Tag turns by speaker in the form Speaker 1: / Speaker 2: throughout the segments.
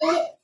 Speaker 1: Baba,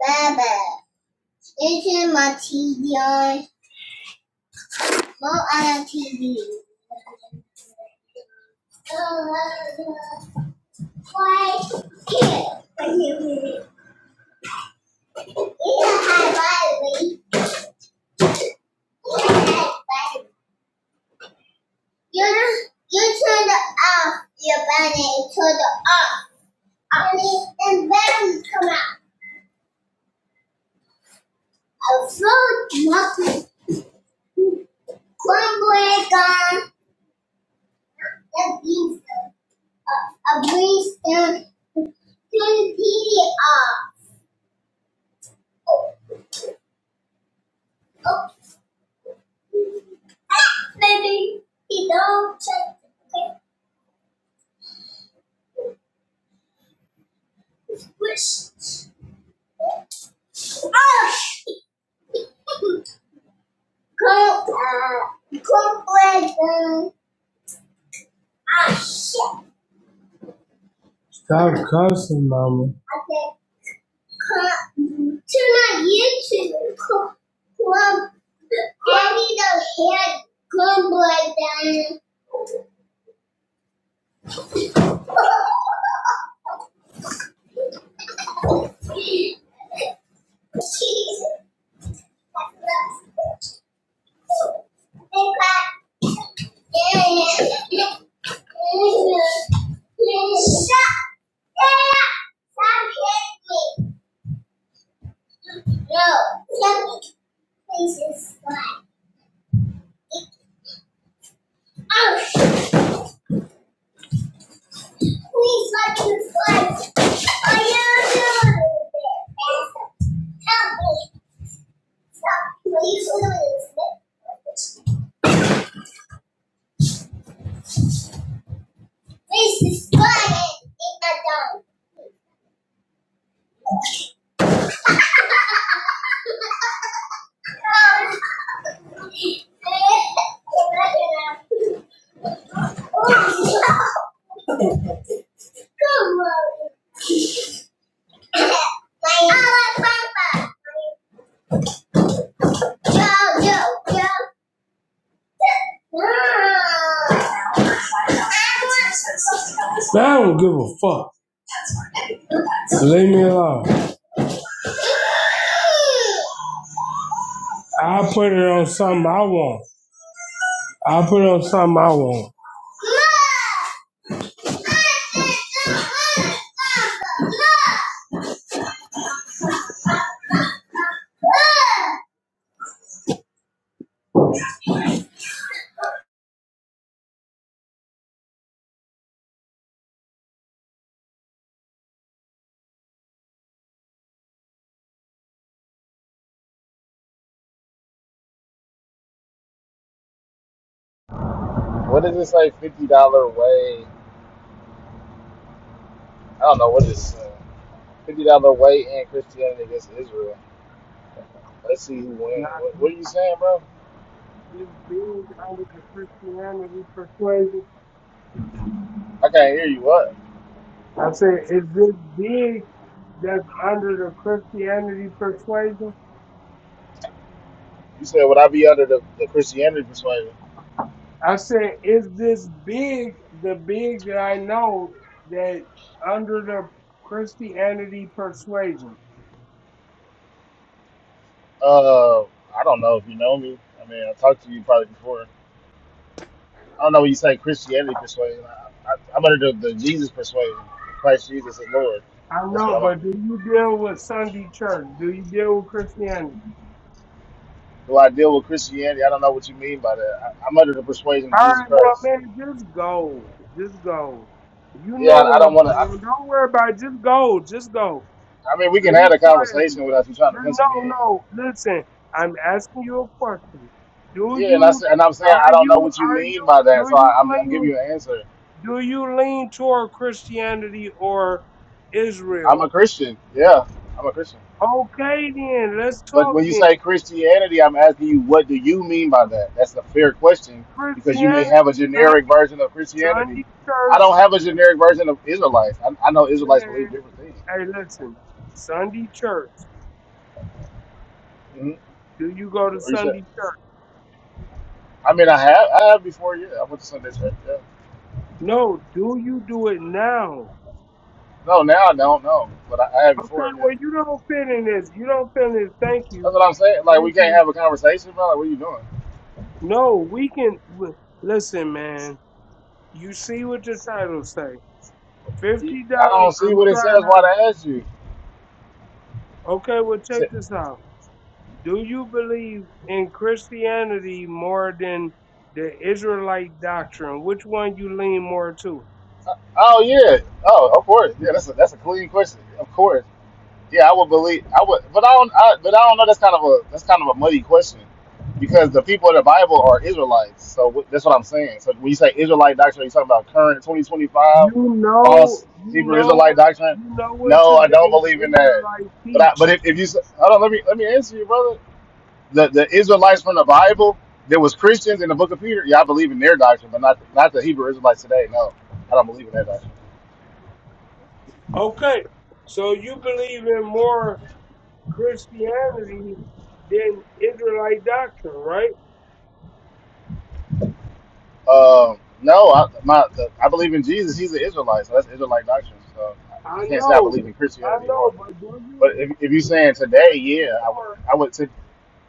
Speaker 1: Baba, it's my TV on, more on TV. Why? Here, It's here, baby. Yeah, baby. Yeah, hi, You, you turn it off, your bunny, turn it off. Only then berries come out. A fruit must be cornbread gone. The beans a brimstone soon peely off. Oh, oh, ah, baby. He don't check the wish. Ash! Cornbread gone. Ah, shit. Stop cussing, mama. Okay. Turn on YouTube. Mom, Daddy, don't hit Grandpa. Dad, shut up! Stop hitting me! No, stop! Please subscribe. Oh. Please like and subscribe. I am doing Help me. Help me. Please lose. Please subscribe and hit that down. Come on. My Papa. Joe, Joe, Joe. I don't give a fuck. Leave me alone. I'll put it on something I want. I'll put it on something I want.
Speaker 2: What is this like fifty dollar way? I don't know what is uh, fifty dollar way in Christianity against Israel. Let's see who wins. What, what are you saying, bro?
Speaker 1: This big under the Christianity persuasion.
Speaker 2: I can't hear you. What
Speaker 1: I said, is this big that's under the Christianity persuasion?
Speaker 2: you said? Would I be under the, the Christianity persuasion?
Speaker 1: I said, is this big the big that I know that under the Christianity persuasion?
Speaker 2: Uh, I don't know if you know me. I mean, I talked to you probably before. I don't know when you say Christianity persuasion. I, I, I'm under the, the Jesus persuasion. Christ Jesus is Lord.
Speaker 1: I
Speaker 2: That's what
Speaker 1: know,
Speaker 2: I'm
Speaker 1: but
Speaker 2: under.
Speaker 1: do you deal with Sunday church? Do you deal with Christianity?
Speaker 2: Do I deal with Christianity? I don't know what you mean by that. I, I'm under the persuasion of
Speaker 1: All
Speaker 2: Jesus
Speaker 1: right, well,
Speaker 2: Christ.
Speaker 1: man, just go. Just go. You know
Speaker 2: Yeah, I, I
Speaker 1: what
Speaker 2: don't
Speaker 1: I'm
Speaker 2: want to. I,
Speaker 1: saying. Don't worry about it. Just go. Just go.
Speaker 2: I mean, we can
Speaker 1: Leave
Speaker 2: have a
Speaker 1: quietly.
Speaker 2: conversation without you trying to
Speaker 1: Just
Speaker 2: pencil me
Speaker 1: no,
Speaker 2: in.
Speaker 1: no. Listen, I'm asking you a question. Do
Speaker 2: Yeah, and I
Speaker 1: you,
Speaker 2: s- and I'm saying I
Speaker 1: are
Speaker 2: don't know
Speaker 1: you,
Speaker 2: what you
Speaker 1: are
Speaker 2: mean
Speaker 1: you,
Speaker 2: by that,
Speaker 1: do
Speaker 2: so
Speaker 1: you
Speaker 2: I, I'm I'm
Speaker 1: lean
Speaker 2: giving you an answer.
Speaker 1: Do you lean toward Christianity or
Speaker 2: I'm a
Speaker 1: Israel?
Speaker 2: Christian. Yeah, I'm a Christian.
Speaker 1: Okay, then. Let's
Speaker 2: But
Speaker 1: talk
Speaker 2: when you
Speaker 1: then.
Speaker 2: say Christianity, I'm asking you, what do you mean by that? That's a fair question because you may
Speaker 1: Christianity,
Speaker 2: have a generic
Speaker 1: Sun-
Speaker 2: version of Christianity.
Speaker 1: Sunday
Speaker 2: I don't
Speaker 1: church,
Speaker 2: have a generic version of Israelites. I, I know Israelites believe
Speaker 1: man.
Speaker 2: different things.
Speaker 1: Hey, listen. Sunday church.
Speaker 2: hmm
Speaker 1: Do you go to
Speaker 2: Or you said,
Speaker 1: Sunday church?
Speaker 2: I mean, I have I have before. Yeah, I went to Sunday church. Yeah.
Speaker 1: No. Do you do it now?
Speaker 2: No, now I don't know, but I, I have
Speaker 1: Okay,
Speaker 2: before. Yeah.
Speaker 1: well, you don't fit in this. You don't fit in this. Thank you.
Speaker 2: That's what I'm saying. Like, we
Speaker 1: Thank
Speaker 2: can't
Speaker 1: you.
Speaker 2: have a conversation about Like What are you doing?
Speaker 1: No, we can. w- Listen, man. You see what the title say. $50.
Speaker 2: I don't see
Speaker 1: I'm
Speaker 2: what it
Speaker 1: trying
Speaker 2: says. Why
Speaker 1: to.
Speaker 2: they asked you?
Speaker 1: Okay, well, check
Speaker 2: said,
Speaker 1: this out. Do you believe in Christianity more than the Israelite doctrine? Which one you lean more to?
Speaker 2: oh yeah, oh of course, yeah. That's a that's a clean question. Of course, yeah. I would believe. I would, but I don't. I, but I don't know. That's kind of a that's kind of a muddy question because the people of the Bible are Israelites. So what, that's what I'm saying. So when you say Israelite doctrine, are you talking about current 2025
Speaker 1: You know,
Speaker 2: false
Speaker 1: you
Speaker 2: Hebrew
Speaker 1: know
Speaker 2: Israelite
Speaker 1: what
Speaker 2: doctrine?
Speaker 1: you know what
Speaker 2: No,
Speaker 1: today
Speaker 2: I don't
Speaker 1: the
Speaker 2: believe in that.
Speaker 1: Israelites
Speaker 2: But I,
Speaker 1: teach.
Speaker 2: but if, if you s- hold on, let me let me answer you, brother. the, the Israelites from the Bible, there was Christians in the Book of Peter. Yeah, I believe in their doctrine, but not not the Hebrew Israelites today. No, I don't believe in that doctrine.
Speaker 1: Okay, so you believe in more Christianity than Israelite doctrine, right?
Speaker 2: Um, no, I my the, I believe in Jesus. He's an Israelite, so that's Israelite doctrine. So I
Speaker 1: I
Speaker 2: can't say I
Speaker 1: know,
Speaker 2: believe in
Speaker 1: I
Speaker 2: Christianity more.
Speaker 1: know, but do you
Speaker 2: But if, if you're
Speaker 1: do
Speaker 2: saying
Speaker 1: you
Speaker 2: today,
Speaker 1: believe
Speaker 2: yeah, I would
Speaker 1: more?
Speaker 2: I would say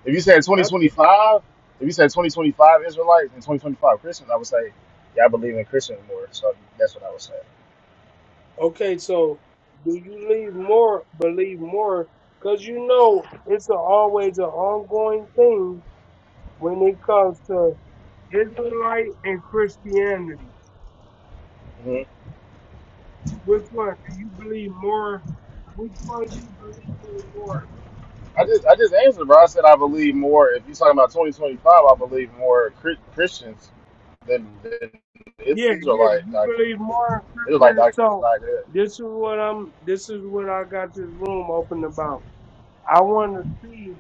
Speaker 2: if you said
Speaker 1: I'm
Speaker 2: 2025, if you said 2025 Israelites and 2025 Christians, I would say yeah, I believe in Christians more. So that's what I would say.
Speaker 1: Okay, so do you leave more, believe more? Because you know it's a, always an ongoing thing when it comes to Israelite and Christianity.
Speaker 2: Mm-hmm.
Speaker 1: Which one do you believe more? Which one you believe in more?
Speaker 2: I just I just answered, bro. I said I believe more. If you're talking about 2025, I believe more Chri- Christians than, than
Speaker 1: Yeah, yeah,
Speaker 2: Israelite
Speaker 1: you
Speaker 2: doctrine.
Speaker 1: believe more in
Speaker 2: Israelite
Speaker 1: Christianity.
Speaker 2: doctrine is
Speaker 1: So
Speaker 2: not good.
Speaker 1: this is what I'm. This is what I got this room open about. I want to see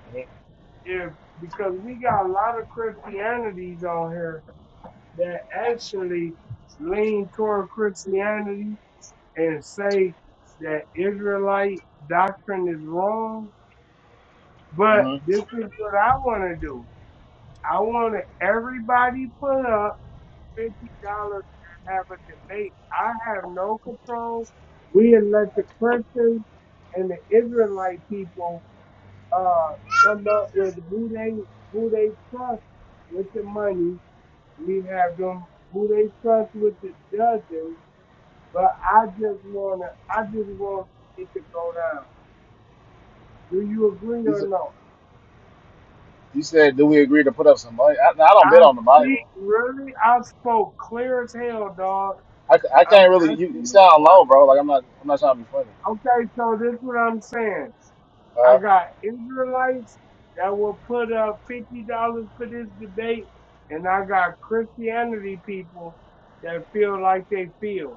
Speaker 1: if because we got a lot of Christianities on here that actually lean toward Christianity and say that Israelite doctrine is wrong. But
Speaker 2: hmm
Speaker 1: this is what I want to do. I want to everybody put up fifty dollars and have a debate. I have no control. We let the Christians and the Israelite people uh, come up with who they who they trust with the money. We have them who they trust with the judges But I just wanna, I just want it to go down. Do you agree
Speaker 2: You,
Speaker 1: or
Speaker 2: said,
Speaker 1: no?
Speaker 2: you said, do we agree to put up some money? I, I don't bet
Speaker 1: I
Speaker 2: on the
Speaker 1: speak
Speaker 2: Bible.
Speaker 1: really, I spoke clear as hell, dog.
Speaker 2: I, c- I
Speaker 1: I'm
Speaker 2: can't really. You, you
Speaker 1: asking you
Speaker 2: sound low,
Speaker 1: a
Speaker 2: bro. Like I'm not I'm not trying to be funny.
Speaker 1: question. Okay, so this is what I'm saying. I
Speaker 2: Uh,
Speaker 1: got Israelites that will put up fifty dollars for this debate, and I got Christianity people that feel like they feel.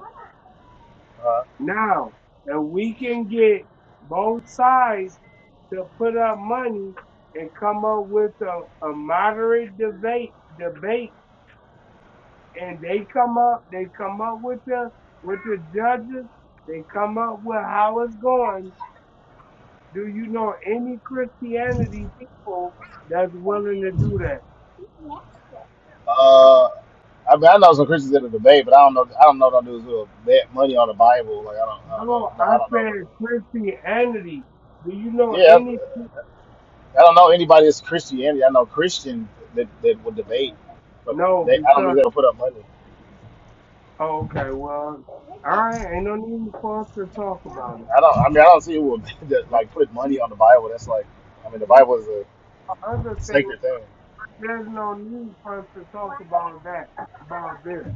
Speaker 2: uh,
Speaker 1: Now, if we can get both sides to put up money and come up with a, a moderate debate debate and they come up they come up with the with the judges they come up with how it's going do you know any christianity people that's willing to do that
Speaker 2: uh, I mean, I know some Christians that are debate, but I don't know. I don't know them dudes who bet money on the Bible. Like I don't, I don't know.
Speaker 1: no
Speaker 2: No,
Speaker 1: i
Speaker 2: I don't know
Speaker 1: said
Speaker 2: about that.
Speaker 1: christianity do you know
Speaker 2: Yeah,
Speaker 1: any
Speaker 2: I don't know anybody that's Christianity. I know Christian that, that would debate, but
Speaker 1: no
Speaker 2: they I don't think
Speaker 1: because
Speaker 2: they'll put up money.
Speaker 1: oh, okay well all right ain't no need for us to talk about
Speaker 2: I don't. I mean, I don't see who would that, like put
Speaker 1: it
Speaker 2: money on the Bible. That's like, I mean, the
Speaker 1: We
Speaker 2: Bible is a
Speaker 1: got other things.
Speaker 2: sacred thing.
Speaker 1: There's no need for us to talk about that, about this.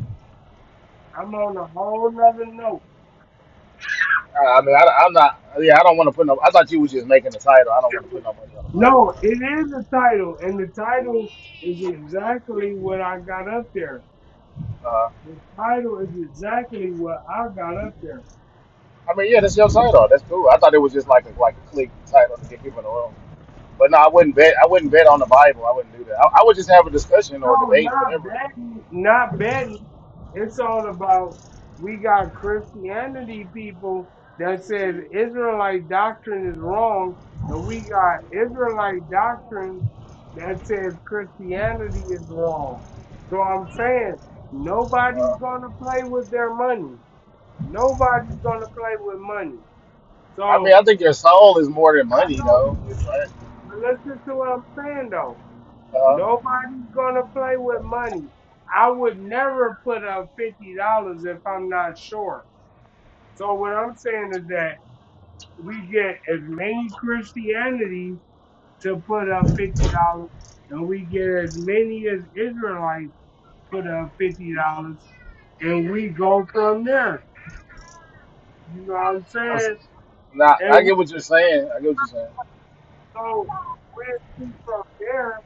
Speaker 1: I'm on a whole nother note.
Speaker 2: I, I mean, I, am not. Yeah, I don't want to put no. I thought you was just making the title. I don't want to put no money on the Bible.
Speaker 1: No, it is a title, and the title is exactly what I got up there.
Speaker 2: Uh,
Speaker 1: The title is exactly what I got up there.
Speaker 2: I mean, yeah, that's your title. That's cool. I thought it was just like a like a click title to get people in the room. But no, I wouldn't bet. I wouldn't bet on the Bible. I wouldn't do that. I, I would just have a discussion or
Speaker 1: No,
Speaker 2: debate or
Speaker 1: not
Speaker 2: whatever.
Speaker 1: betting, not betting. It's all about we got Christianity people that says Israelite doctrine is wrong, and we got Israelite doctrine that says Christianity is wrong. So I'm saying
Speaker 2: Uh,
Speaker 1: nobody's gonna play with their money. Nobody's gonna play with money.
Speaker 2: I mean,
Speaker 1: So
Speaker 2: I think your soul is more than
Speaker 1: I
Speaker 2: money,
Speaker 1: know,
Speaker 2: though. It's like,
Speaker 1: but listen to what I'm saying though.
Speaker 2: Uh,
Speaker 1: Nobody's gonna play with money. I would never put up fifty dollars if I'm not sure. So what I'm saying is that we get as many Christianity to put up fifty dollars, and we get as many as Israelites put up fifty dollars, and we go from there. You know what I'm
Speaker 2: that's-
Speaker 1: saying?
Speaker 2: nah, I
Speaker 1: And we
Speaker 2: get what you're saying. I get what you're saying.
Speaker 1: go we see from there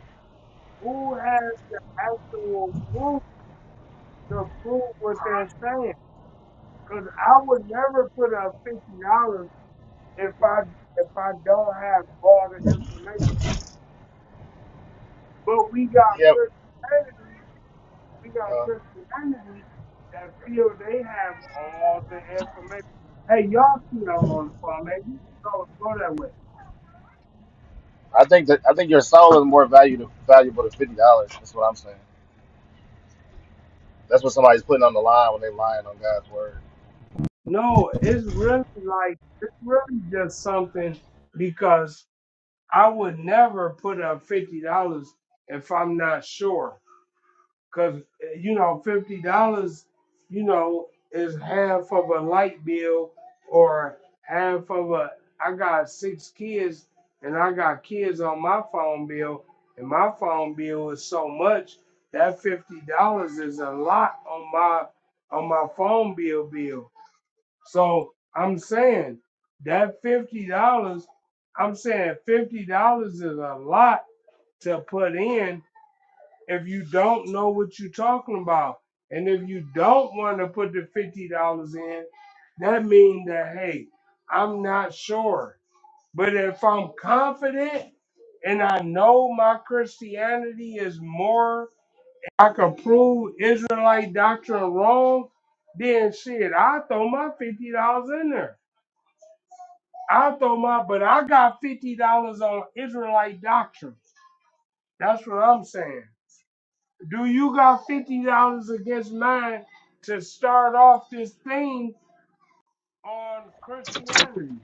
Speaker 1: who has the actual proof to prove what they're saying. Cause I would never put up fifty dollars if I if I don't have all the information. But we got
Speaker 2: Yep.
Speaker 1: Christianity, we got
Speaker 2: Uh,
Speaker 1: Christianity that feel they have all the information. Hey, y'all see I'm on the phone, man. You go go that way.
Speaker 2: I think that I think your soul is more valuable valuable than fifty dollars. That's what I'm saying. That's what somebody's putting on the line when they're lying on God's word.
Speaker 1: No, it's really like it's really just something because I would never put up fifty dollars if I'm not sure. Cause eh, you know, fifty dollars, you know, is half of a light bill or half of a I got six kids and I got kids on my phone bill and my phone bill is so much that fifty dollars is a lot on my on my phone bill bill. So I'm saying that fifty dollars, I'm saying fifty dollars is a lot to put in if you don't know what you're talking about. And if you don't want to put the fifty dollars in, that means that hey, I'm not sure. But if I'm confident and I know my Christianity is more, I can prove Israelite doctrine wrong, then shit, I throw my fifty dollars in there. I throw my, but I got fifty dollars on Israelite doctrine. That's what I'm saying. Do you got fifty dollars against mine to start off this thing on Christianity?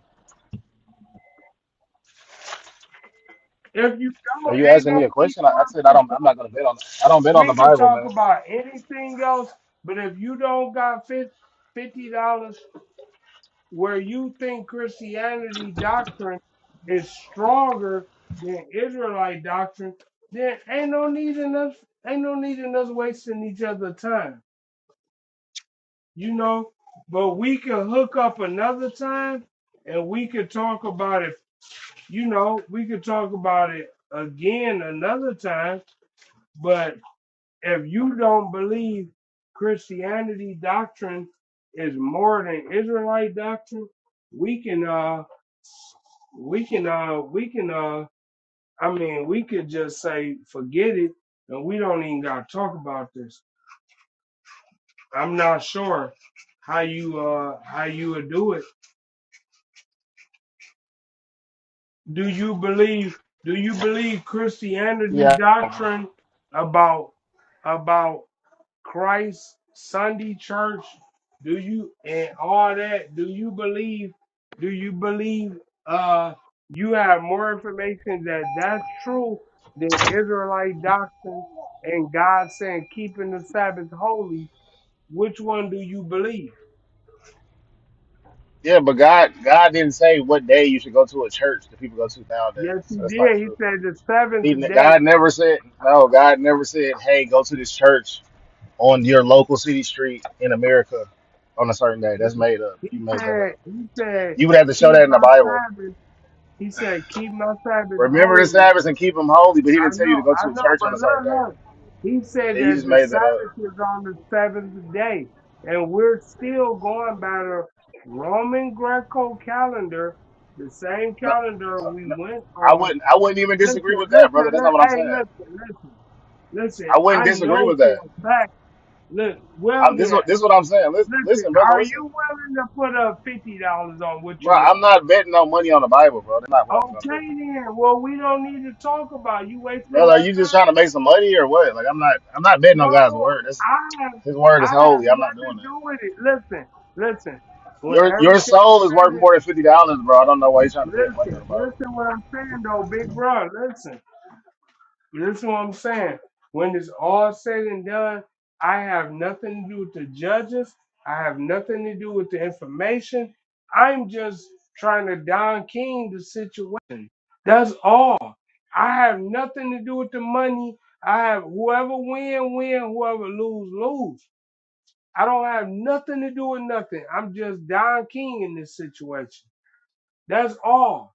Speaker 1: If you don't,
Speaker 2: Are you
Speaker 1: ain't
Speaker 2: asking me
Speaker 1: no
Speaker 2: a
Speaker 1: need
Speaker 2: question? I,
Speaker 1: for
Speaker 2: I said I
Speaker 1: us
Speaker 2: don't.
Speaker 1: to
Speaker 2: I'm
Speaker 1: talk.
Speaker 2: not gonna bet on. I don't bet on the
Speaker 1: We can
Speaker 2: Bible,
Speaker 1: talk
Speaker 2: man.
Speaker 1: about anything else, but if you don't got fif- fifty dollars where you think Christianity doctrine is stronger than Israelite doctrine, then ain't no need in us ain't no need in us wasting each other time. you know, but we could hook up another time and we could talk about it, you know, we could talk about it again another time. But if you don't believe Christianity doctrine is more than Israelite doctrine, we can uh we can uh we can uh I mean we could just say forget it and we don't even gotta talk about this. I'm not sure how you uh how you would do it Do you believe do you believe Christianity
Speaker 2: Yeah.
Speaker 1: doctrine about about Christ, Sunday church? Do you and all that? Do you believe do you believe uh you have more information that that's true than Israelite doctrine and God saying keeping the Sabbath holy? Which one do you believe?
Speaker 2: Yeah, but God, God didn't say what day you should go to a church that people go to nowadays.
Speaker 1: Yes, he
Speaker 2: So that's not
Speaker 1: did. He
Speaker 2: true.
Speaker 1: said the seventh
Speaker 2: He,
Speaker 1: day.
Speaker 2: God never said no. God never said, "Hey, go to this church on your local city street in America on a certain day. That's made up. You
Speaker 1: He
Speaker 2: made that
Speaker 1: said
Speaker 2: up.
Speaker 1: he said
Speaker 2: You would have to show that
Speaker 1: keep
Speaker 2: in the
Speaker 1: my
Speaker 2: Bible.
Speaker 1: Sabbath He said, keep my Sabbath
Speaker 2: Remember the
Speaker 1: holy.
Speaker 2: Sabbath and keep them holy, but he
Speaker 1: I
Speaker 2: didn't tell you
Speaker 1: know,
Speaker 2: to go
Speaker 1: I
Speaker 2: to a
Speaker 1: know,
Speaker 2: church
Speaker 1: but
Speaker 2: on a certain
Speaker 1: look,
Speaker 2: day.
Speaker 1: look. He
Speaker 2: Yeah,
Speaker 1: said
Speaker 2: you just
Speaker 1: that the
Speaker 2: made that up.
Speaker 1: Sabbath is on the seventh day. And we're still going by the Roman Greco calendar, the same
Speaker 2: No,
Speaker 1: calendar
Speaker 2: uh,
Speaker 1: we
Speaker 2: no,
Speaker 1: went
Speaker 2: I
Speaker 1: on.
Speaker 2: wouldn't. I wouldn't even
Speaker 1: Listen,
Speaker 2: disagree with that,
Speaker 1: listen,
Speaker 2: brother. That's not
Speaker 1: li-
Speaker 2: what I'm
Speaker 1: hey,
Speaker 2: saying.
Speaker 1: listen, listen, listen.
Speaker 2: I wouldn't
Speaker 1: I
Speaker 2: disagree with
Speaker 1: know for
Speaker 2: that.
Speaker 1: a fact. Look,
Speaker 2: I,
Speaker 1: well
Speaker 2: this
Speaker 1: then,
Speaker 2: is what this is what I'm saying. Listen,
Speaker 1: listen,
Speaker 2: listen, brother.
Speaker 1: are
Speaker 2: Listen,
Speaker 1: you willing to put up $50 on what
Speaker 2: bro.
Speaker 1: you
Speaker 2: I'm
Speaker 1: know?
Speaker 2: not betting no money on the Bible, bro. That's not what
Speaker 1: Okay
Speaker 2: I'm gonna do,
Speaker 1: then. Well, we don't need to talk about it. you wasting
Speaker 2: brother. Are
Speaker 1: my
Speaker 2: you
Speaker 1: time.
Speaker 2: just trying to make some money or what? Like I'm not. I'm not betting
Speaker 1: No,
Speaker 2: on God's word. That's
Speaker 1: I have
Speaker 2: His word
Speaker 1: I
Speaker 2: is
Speaker 1: have
Speaker 2: holy. I'm not doing
Speaker 1: nothing to
Speaker 2: that.
Speaker 1: do with it. Listen, listen. Well,
Speaker 2: Your your
Speaker 1: everything
Speaker 2: soul is worth
Speaker 1: said is
Speaker 2: more than fifty dollars, bro. I don't know why you're trying to bet money on
Speaker 1: listen,
Speaker 2: the Bible.
Speaker 1: listen what I'm saying though, big bro. Listen. Listen what I'm saying. When it's all said and done, I have nothing to do with the judges. I have nothing to do with the information. I'm just trying to Don King the situation. That's all. I have nothing to do with the money. I have whoever win, win, whoever lose, lose. I don't have nothing to do with nothing. I'm just Don King in this situation. That's all.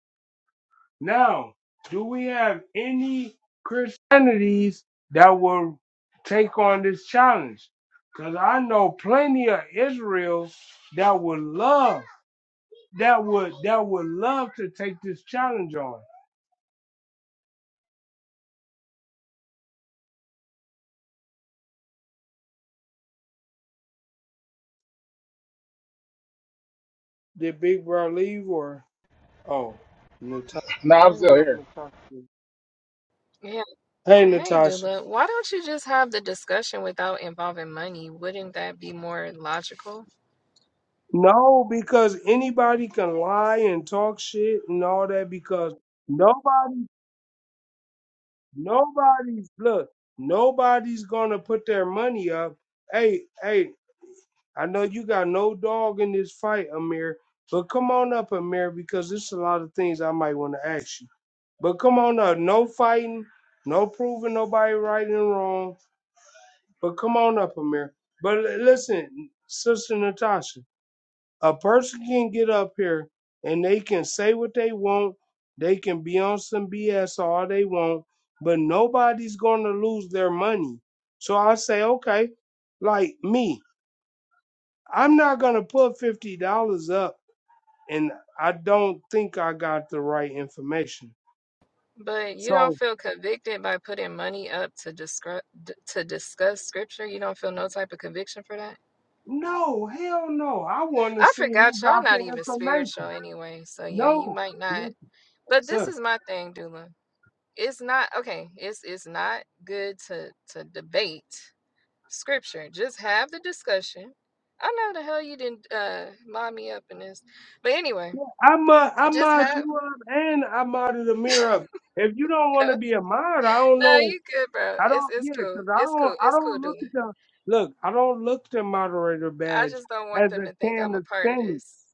Speaker 1: Now, do we have any Christianities that will take on this challenge? Because I know plenty of Israel that would love that would that would love to take this challenge on. Did Big Bro leave or oh Natasha?
Speaker 2: No,
Speaker 1: I
Speaker 2: nah, I'm
Speaker 1: ain't
Speaker 2: still
Speaker 1: know
Speaker 2: here.
Speaker 1: Natasha.
Speaker 3: Yeah.
Speaker 1: Hey
Speaker 3: Hey,
Speaker 1: Natasha.
Speaker 3: Dula, why don't you just have the discussion without involving money? Wouldn't that be more logical?
Speaker 1: No, because anybody can lie and talk shit and all that because nobody, nobody's, look, nobody's gonna put their money up. Hey, hey, I know you got no dog in this fight, Amir, but come on up, Amir, because there's a lot of things I might want to ask you. But come on up, no fighting, no proving nobody right and wrong. But come on up, Amir. But li- listen, Sister Natasha. a person can get up here and they can say what they want, they can be on some BS all they want, but nobody's going to lose their money. So I say, okay, like me, I'm not going to put $50 up and I don't think I got the right information.
Speaker 3: But you don't
Speaker 1: So,
Speaker 3: feel convicted by putting money up to discuss to discuss scripture. You don't feel no type of conviction for that.
Speaker 1: no, hell no. I want to
Speaker 3: I
Speaker 1: see
Speaker 3: forgot
Speaker 1: who
Speaker 3: y'all
Speaker 1: got the
Speaker 3: not even
Speaker 1: information.
Speaker 3: spiritual anyway. So yeah, you
Speaker 1: No,
Speaker 3: might not.
Speaker 1: listen,
Speaker 3: But
Speaker 1: sir.
Speaker 3: this is my thing, Dula. It's not okay. It's it's not good to to debate scripture. Just have the discussion. I know the hell you didn't uh, line me up in this, but anyway.
Speaker 1: I mod, I
Speaker 3: Just
Speaker 1: mod
Speaker 3: have
Speaker 1: you up and I modded Amir up. If you don't want to be a mod, I don't
Speaker 3: no,
Speaker 1: know.
Speaker 3: you good, bro.
Speaker 1: I
Speaker 3: It's
Speaker 1: don't,
Speaker 3: it's
Speaker 1: yeah, Yeah,
Speaker 3: cool.
Speaker 1: because I
Speaker 3: It's cool.
Speaker 1: don't, I
Speaker 3: It's cool,
Speaker 1: don't look at
Speaker 3: dude.
Speaker 1: the, look, I don't look the moderator
Speaker 3: I
Speaker 1: badge
Speaker 3: just don't want
Speaker 1: as
Speaker 3: them
Speaker 1: a
Speaker 3: to think
Speaker 1: can
Speaker 3: I'm a
Speaker 1: of
Speaker 3: part of
Speaker 1: spinach.
Speaker 3: this.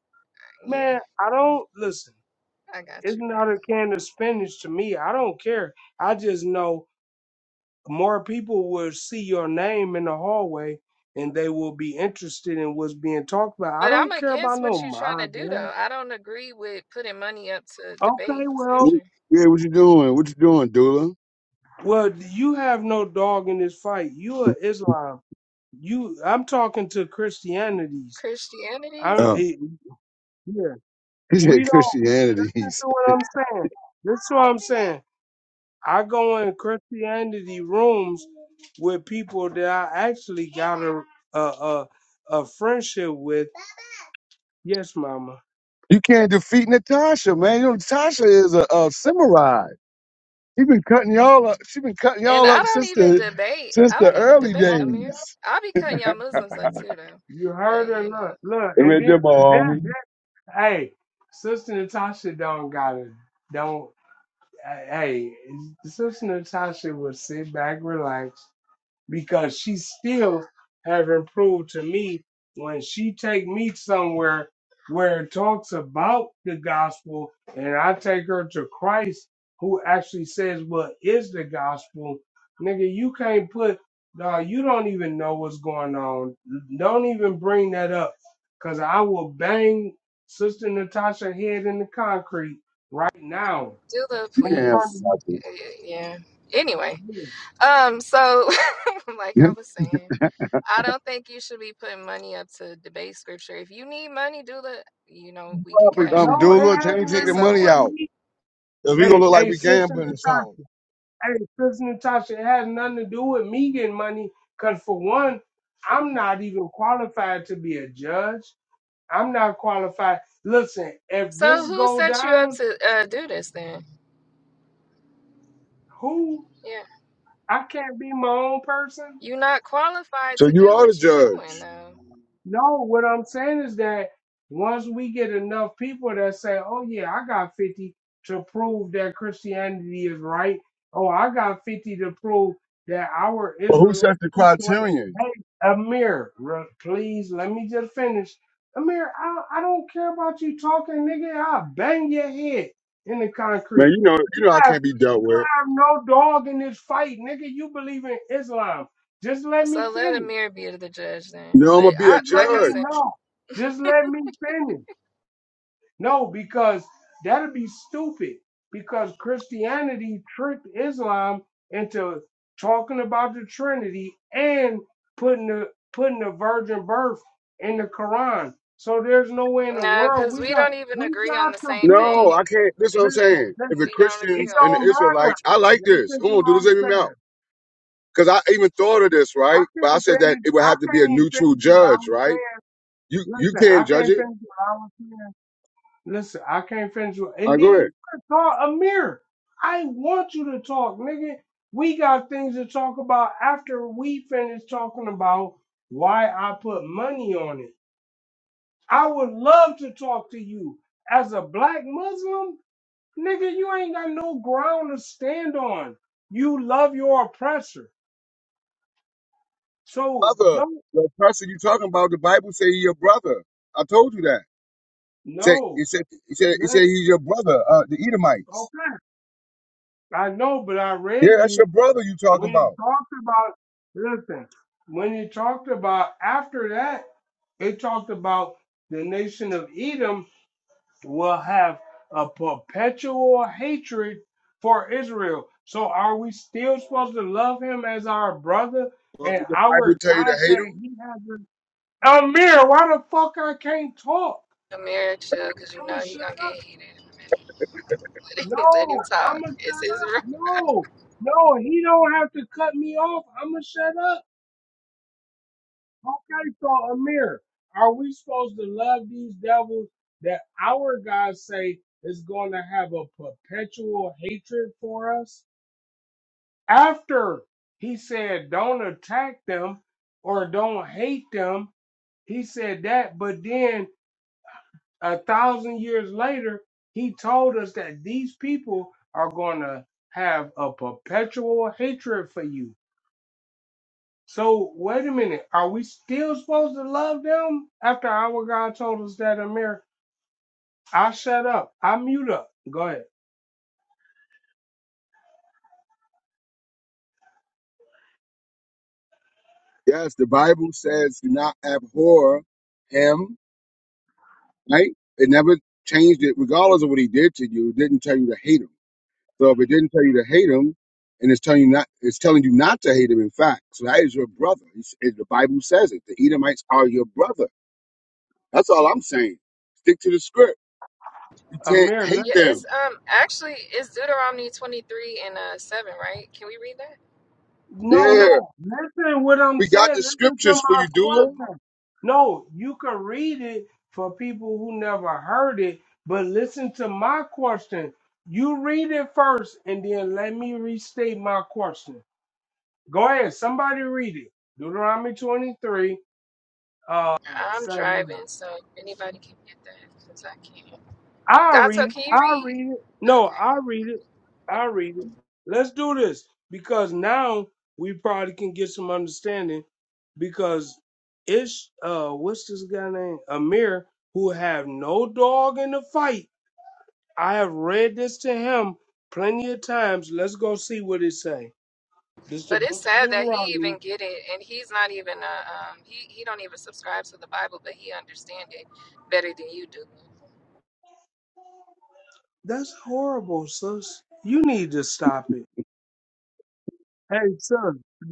Speaker 3: Yeah,
Speaker 1: Man, I don't, listen,
Speaker 3: I got
Speaker 1: it's
Speaker 3: you, bro.
Speaker 1: not a can of spinach to me. I don't care. I just know more people will see your name in the hallway and they will be interested in what's being talked about. I
Speaker 3: But I'm
Speaker 1: don't care about
Speaker 3: against
Speaker 1: no
Speaker 3: what you're trying to
Speaker 1: mod,
Speaker 3: do,
Speaker 1: man.
Speaker 3: though. I don't agree with putting money up to debate
Speaker 1: Okay, well,
Speaker 4: Wh-
Speaker 3: scripture.
Speaker 4: Yeah, what you doing? What you doing, Dula?
Speaker 1: Well, you have no dog in this fight. You are Islam. You, I'm talking to Christianities.
Speaker 3: Christianity
Speaker 1: I,
Speaker 3: is,
Speaker 1: don't-
Speaker 4: Oh,
Speaker 1: eh, yeah,
Speaker 4: he
Speaker 1: we
Speaker 4: said
Speaker 1: don't we, listen
Speaker 4: Christianities.
Speaker 1: to what I'm saying. This is what I'm saying. I go in Christianity rooms with people that I actually got a a a, a friendship with. Yes, Mama.
Speaker 4: You can't defeat Natasha, man. You know, Natasha is a, a samurai. He been cutting y'all up. She been cutting
Speaker 3: and
Speaker 4: y'all
Speaker 3: I
Speaker 4: up
Speaker 3: don't
Speaker 4: since
Speaker 3: even
Speaker 4: the
Speaker 3: debate.
Speaker 4: since
Speaker 3: I
Speaker 4: the
Speaker 3: don't even
Speaker 4: early
Speaker 3: debate, I mean,
Speaker 4: days.
Speaker 3: I'll be cutting y'all Muslims up too, though.
Speaker 1: You heard
Speaker 3: But
Speaker 1: her.
Speaker 3: you know,
Speaker 1: Look, look,
Speaker 4: I
Speaker 1: and
Speaker 4: mean,
Speaker 1: then
Speaker 4: them all, homie.
Speaker 1: hey, Sister Natasha don't got it. Don't. hey, Sister Natasha would sit back, relax, because she still haven't proved to me when she take me somewhere where it talks about the gospel and I take her to Christ who actually says what is the gospel, nigga, you can't put dog, you don't even know what's going on. Don't even bring that up. Cause I will bang Sister Natasha head in the concrete right now
Speaker 3: do the
Speaker 4: You
Speaker 1: in
Speaker 4: can't have
Speaker 1: front of
Speaker 3: please.
Speaker 4: Natasha.
Speaker 3: Uh, Yeah. Anyway, um, so like I
Speaker 4: His
Speaker 3: was saying. I don't think you should be putting money up to debate scripture. If you need money, do the you know, we can
Speaker 4: profit,
Speaker 3: cash
Speaker 4: um,
Speaker 1: no,
Speaker 3: up you, bro.
Speaker 1: it
Speaker 4: Dula,
Speaker 1: has
Speaker 4: can you take
Speaker 1: nothing
Speaker 4: the
Speaker 3: It's
Speaker 1: to do
Speaker 4: money
Speaker 3: okay.
Speaker 1: with me.
Speaker 4: out. If we gonna
Speaker 1: Hey,
Speaker 4: look like
Speaker 1: hey,
Speaker 4: we
Speaker 1: sister
Speaker 4: gambling or
Speaker 1: Natasha.
Speaker 4: something.
Speaker 1: Hey, sister Natasha, it has nothing to do with me getting money. Cause for one, I'm not even qualified to be a judge. I'm not qualified. Listen, if
Speaker 3: So
Speaker 1: this
Speaker 3: who
Speaker 1: go
Speaker 3: set you up
Speaker 1: down,
Speaker 3: to uh, do this then?
Speaker 1: who
Speaker 3: Yeah.
Speaker 1: I can't be my own person.
Speaker 3: You're not qualified
Speaker 4: So
Speaker 3: to
Speaker 4: you
Speaker 3: do
Speaker 4: are the
Speaker 3: what you're doing
Speaker 4: judge.
Speaker 3: though.
Speaker 1: No, what I'm saying is that once we get enough people that say, "Oh yeah, I got 50 to prove that Christianity is right," oh, I got 50 to prove that our
Speaker 4: But who
Speaker 1: Israelite
Speaker 4: sets the
Speaker 1: situation.
Speaker 4: criterion?
Speaker 1: Hey, Amir, re- please let me just finish. Amir, I, I don't care about you talking, nigga. I'll bang your head in the
Speaker 4: Man,
Speaker 1: concrete.
Speaker 4: you know, you know I
Speaker 1: I have
Speaker 4: can't be dealt with.
Speaker 1: no dog in this fight, nigga. You believe in Islam. Just let
Speaker 3: So
Speaker 1: me
Speaker 3: let a
Speaker 1: finish.
Speaker 3: mirror be the judge then.
Speaker 4: You know, I'm
Speaker 3: But
Speaker 4: gonna be a
Speaker 3: I
Speaker 1: Just let
Speaker 3: like I
Speaker 1: me
Speaker 4: judge.
Speaker 3: said,
Speaker 1: know. Just let me finish. No, because that'd be stupid. Because Christianity tricked Islam into talking about the Trinity and putting the putting the virgin birth in the Quran. So there's no way in the
Speaker 3: no,
Speaker 1: world
Speaker 3: because
Speaker 1: we
Speaker 3: we
Speaker 1: got
Speaker 3: don't even
Speaker 1: we
Speaker 3: agree on
Speaker 1: got
Speaker 3: the
Speaker 1: some
Speaker 3: same
Speaker 1: people.
Speaker 4: No, I
Speaker 3: thing.
Speaker 4: can't. This is
Speaker 3: We
Speaker 4: what I'm
Speaker 1: Listen,
Speaker 3: yeah,
Speaker 4: saying. If the
Speaker 1: listen.
Speaker 3: we don't
Speaker 1: It
Speaker 3: agree
Speaker 4: Christians
Speaker 3: on
Speaker 4: and the
Speaker 3: that.
Speaker 1: don't matter.
Speaker 4: Israelites, I like this.
Speaker 1: Listen
Speaker 4: I'm
Speaker 1: to
Speaker 4: gonna do
Speaker 1: what
Speaker 4: this
Speaker 1: I'm
Speaker 4: every mouth.
Speaker 1: saying.
Speaker 4: Cause I even thought of this,
Speaker 1: I
Speaker 4: right? But I
Speaker 1: can't
Speaker 4: said that
Speaker 1: finish.
Speaker 4: it would
Speaker 1: I
Speaker 4: have to be a
Speaker 1: can't even
Speaker 4: neutral
Speaker 1: finish what I
Speaker 4: judge,
Speaker 1: was
Speaker 4: right?
Speaker 1: saying.
Speaker 4: You you
Speaker 1: Listen,
Speaker 4: can't
Speaker 1: I
Speaker 4: judge
Speaker 1: can't
Speaker 4: it.
Speaker 1: finish what I was saying Listen, I can't finish with
Speaker 4: I
Speaker 1: and then
Speaker 4: go ahead.
Speaker 1: you can talk Amir. I want you to talk, nigga. We got things to talk about after we finish talking about why I put money on it. I would love to talk to you. As a black Muslim, nigga, you ain't got no ground to stand on. You love your oppressor. So
Speaker 4: Brother,
Speaker 1: don't
Speaker 4: the person you talking about, the Bible say he your brother. I told you that. Say
Speaker 1: no.
Speaker 4: it said it said it said
Speaker 1: Let-
Speaker 4: he's your brother, uh the Edomites.
Speaker 1: Okay. I know, but I
Speaker 4: Yeah,
Speaker 1: read
Speaker 4: that's
Speaker 1: you
Speaker 4: your brother you talking
Speaker 1: when you
Speaker 4: about.
Speaker 1: talked about listen, when you talked about after that, it talked about the nation of Edom will have a perpetual hatred for Israel. So are we still supposed to love him as our brother?
Speaker 4: Well,
Speaker 1: And
Speaker 4: did the Bible
Speaker 1: our
Speaker 4: tell you to
Speaker 1: God
Speaker 4: hate
Speaker 1: said
Speaker 4: him?
Speaker 1: he has a Amir, why the fuck I can't talk?
Speaker 3: Amir, chill, cause you
Speaker 1: I'ma
Speaker 3: know he
Speaker 1: shut
Speaker 3: gonna
Speaker 1: up.
Speaker 3: get heated. Let him, let him
Speaker 1: No,
Speaker 3: talk.
Speaker 1: I'ma
Speaker 3: It's
Speaker 1: shut
Speaker 3: his
Speaker 1: up. No, no, he don't have to cut me off. I'ma shut up. Okay, so Amir, are we supposed to love these devils that our God say is going to have a perpetual hatred for us? After he said, don't attack them or don't hate them, he said that, but then a thousand years later, he told us that these people are going to have a perpetual hatred for you. So wait a minute. Are we still supposed to love them after our God told us that, Amir? I shut up. I mute up. Go ahead.
Speaker 4: Yes, the Bible says do not abhor him right? It never changed it, regardless of what he did to you. It didn't tell you to hate him. So if it didn't tell you to hate him, and it's telling you not, it's telling you not to hate him. In fact, so that is your brother. It's, it, the Bible says it. The Edomites are your brother. That's all I'm saying. Stick to the script. You can't
Speaker 1: Amir,
Speaker 4: hate
Speaker 3: Yeah,
Speaker 1: listen.
Speaker 3: it's
Speaker 4: them.
Speaker 3: um actually it's Deuteronomy 23 and uh 7, right? Can we read that?
Speaker 1: No,
Speaker 4: Yeah,
Speaker 1: no. Listen what I'm
Speaker 4: we got
Speaker 1: saying.
Speaker 4: the
Speaker 1: Listen to
Speaker 4: scriptures for you,
Speaker 1: my
Speaker 4: Dula.
Speaker 1: question. No, you can read it for people who never heard it, but listen to my question. You read it first and then let me restate my question. Go ahead. Somebody read it. Deuteronomy 23, uh,
Speaker 3: I'm
Speaker 1: 7.
Speaker 3: driving, so anybody can get that cuz I can't.
Speaker 1: i
Speaker 3: Gato,
Speaker 1: read it.
Speaker 3: can you
Speaker 1: i
Speaker 3: read?
Speaker 1: read it. No,
Speaker 3: Okay.
Speaker 1: i read it. i read it. Let's do this because now we probably can get some understanding because Ish, uh, what's this guy named Amir, who have no dog in the fight. I have read this to him plenty of times. Let's go see what it say. This is the
Speaker 3: But it's
Speaker 1: book of
Speaker 3: sad that he
Speaker 1: Deuteronomy.
Speaker 3: even get it and he's not even uh, um he he don't even subscribe to the Bible, but he understand it better than you do.
Speaker 1: That's horrible, sis. You need to stop it. Hey, sis,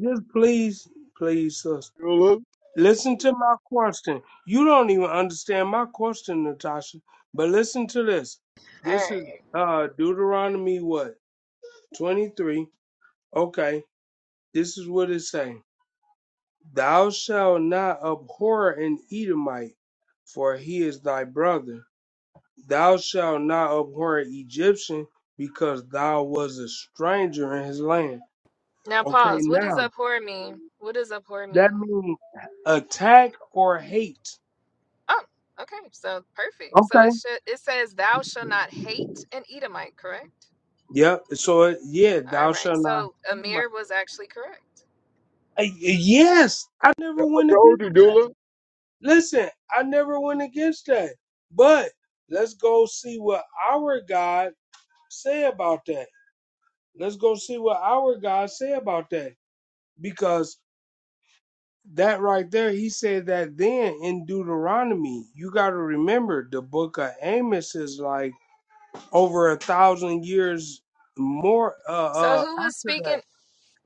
Speaker 1: just please, please, sis.
Speaker 4: Dula,
Speaker 1: Listen to my question. You don't even understand my question, Natasha. But listen to this.
Speaker 3: All
Speaker 1: This is
Speaker 3: right.
Speaker 1: uh Deuteronomy what? 23. Okay. This is what it saying. Thou shalt not abhor an Edomite, for he is thy brother. Thou shalt not abhor an Egyptian, because thou was a stranger in his land.
Speaker 3: Now
Speaker 1: Okay,
Speaker 3: pause. What does
Speaker 1: now
Speaker 3: abhor mean? What does abhor
Speaker 1: that
Speaker 3: mean?
Speaker 1: means attack or hate.
Speaker 3: Oh, okay. So perfect. So
Speaker 1: Okay.
Speaker 3: it should it says thou shall not hate an Edomite, correct?
Speaker 1: Yep. So uh, yeah,
Speaker 3: All
Speaker 1: thou
Speaker 3: right.
Speaker 1: shalt not.
Speaker 3: So
Speaker 1: My,
Speaker 3: Amir was actually correct.
Speaker 1: Uh, yes, I
Speaker 4: I
Speaker 1: never went
Speaker 4: told
Speaker 1: against.
Speaker 4: you, Dula.
Speaker 1: Listen, I never went against that. But let's go see what our God say about that. Let's go see what our God say about that because that right there, He said that then in Deuteronomy. You got to remember the book of Amos is like over a thousand years more uh,
Speaker 3: So
Speaker 1: uh,
Speaker 3: who was
Speaker 1: after that.
Speaker 3: speaking?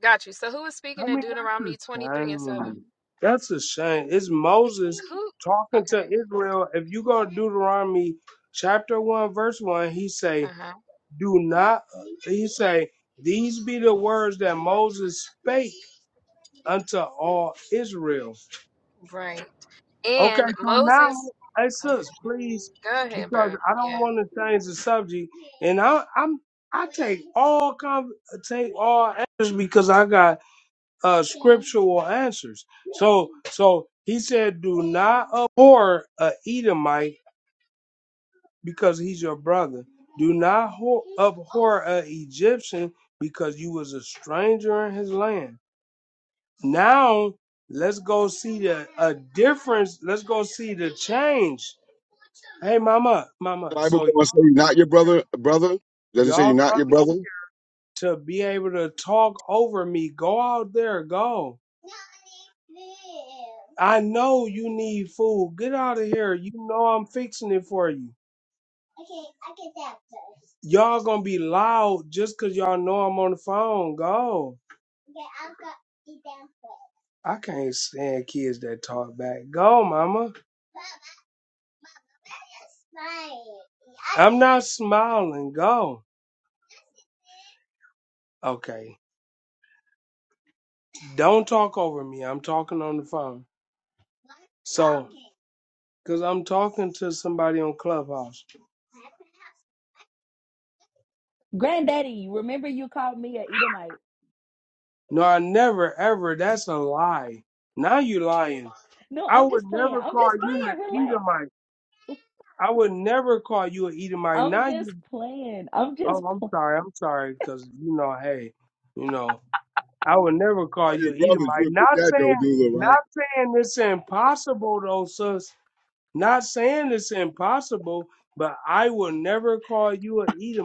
Speaker 3: Got you. So who was
Speaker 1: I
Speaker 3: speaking in
Speaker 1: mean, that's
Speaker 3: Deuteronomy
Speaker 1: a
Speaker 3: 23 and 7?
Speaker 1: shame. That's a shame. It's Moses
Speaker 3: Who?
Speaker 1: talking
Speaker 3: Okay.
Speaker 1: to Israel. If you go to Deuteronomy chapter one, verse one, he say,
Speaker 3: Uh huh.
Speaker 1: "Do not." He say, "These be the words that Moses spake unto all Israel."
Speaker 3: Right.
Speaker 1: Okay,
Speaker 3: And
Speaker 1: so now,
Speaker 3: Moses.
Speaker 1: hey
Speaker 3: Okay.
Speaker 1: sis, please,
Speaker 3: Go ahead,
Speaker 1: because
Speaker 3: bro.
Speaker 1: I
Speaker 3: Yeah.
Speaker 1: don't want to change the subject, and I, I'm I take all con- take all answers because I got uh, scriptural answers. So, so he said, "Do not abhor a Edomite because he's your brother. Do not ho- abhor a Egyptian because you was a stranger in his land." Now, let's go see the a difference. Let's go see the change. Hey, mama,
Speaker 4: The
Speaker 1: mama.
Speaker 4: Bible
Speaker 1: So
Speaker 4: gonna say you're not your brother. Brother, does it say
Speaker 1: y'all
Speaker 4: you're not your brother?
Speaker 1: to be able to talk over me. Go out there, go. I know you need food. Get out of here. You know I'm fixing it for you. Okay, I get that. first. Y'all gonna be loud just cause y'all know I'm on the phone. Go. Okay, I'll go eat that first. I can't stand kids that talk back. Go, mama. Mama, mama, why are you smiling? I'm not smiling. Go. Okay. Don't talk over me. I'm talking on the phone. So, because listen to somebody on Clubhouse.
Speaker 5: Granddaddy, remember you called me a Edomite.
Speaker 1: No, ever, ever. That's a lie. Now you lying.
Speaker 5: No,
Speaker 1: I
Speaker 5: I'm
Speaker 1: would
Speaker 5: just playing.
Speaker 1: never
Speaker 5: I'm
Speaker 1: call
Speaker 5: just
Speaker 1: you an
Speaker 5: playing. Relax.
Speaker 1: Edomite. I would never call you an Edomite.
Speaker 5: I'm
Speaker 1: Now you.
Speaker 5: just playing. I'm just
Speaker 1: Oh, I'm
Speaker 5: pl-
Speaker 1: sorry. I'm sorry. Because you know, hey, you know, I would never call
Speaker 4: All
Speaker 1: you
Speaker 4: your
Speaker 1: an
Speaker 4: brothers.
Speaker 1: Edomite.
Speaker 4: You admit
Speaker 1: Not
Speaker 4: that, though,
Speaker 1: saying,
Speaker 4: Dula,
Speaker 1: not
Speaker 4: right?
Speaker 1: saying it's impossible though, sus. Not saying it's impossible, but I will never call you an Edomite.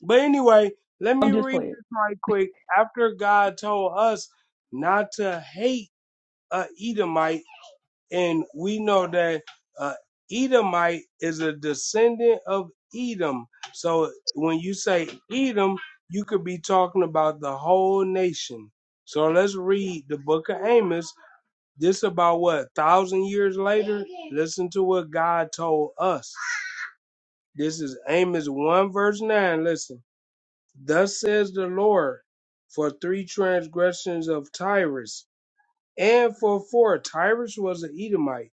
Speaker 1: But anyway, let
Speaker 5: I'm
Speaker 1: me
Speaker 5: just
Speaker 1: read
Speaker 5: playing.
Speaker 1: this right quick. After God told us not to hate a Edomite, and we know that a Edomite is a descendant of Edom. So when you say Edom, you could be talking about the whole nation. So let's read the book of Amos. This about what, a thousand years later? Listen to what God told us. This is Amos 1 verse 9. Listen. Thus says the Lord, for three transgressions of Tyrus, and for four, Tyrus was an Edomite,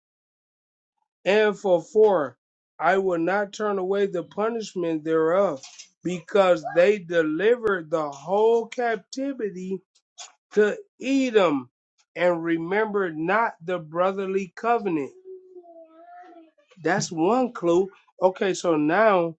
Speaker 1: and for four, I will not turn away the punishment thereof, because they delivered the whole captivity to Edom, and remembered not the brotherly covenant. That's one clue. Okay, so now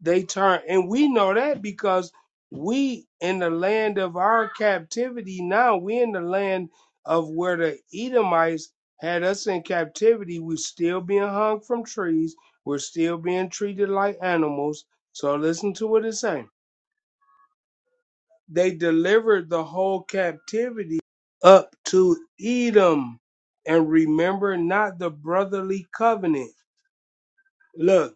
Speaker 1: they turn, and we know that because we in the land of our captivity now. We in the land of where the Edomites had us in captivity. We're still being hung from trees. We're still being treated like animals. So listen to what it's saying. They delivered the whole captivity up to Edom and remember not the brotherly covenant. Look.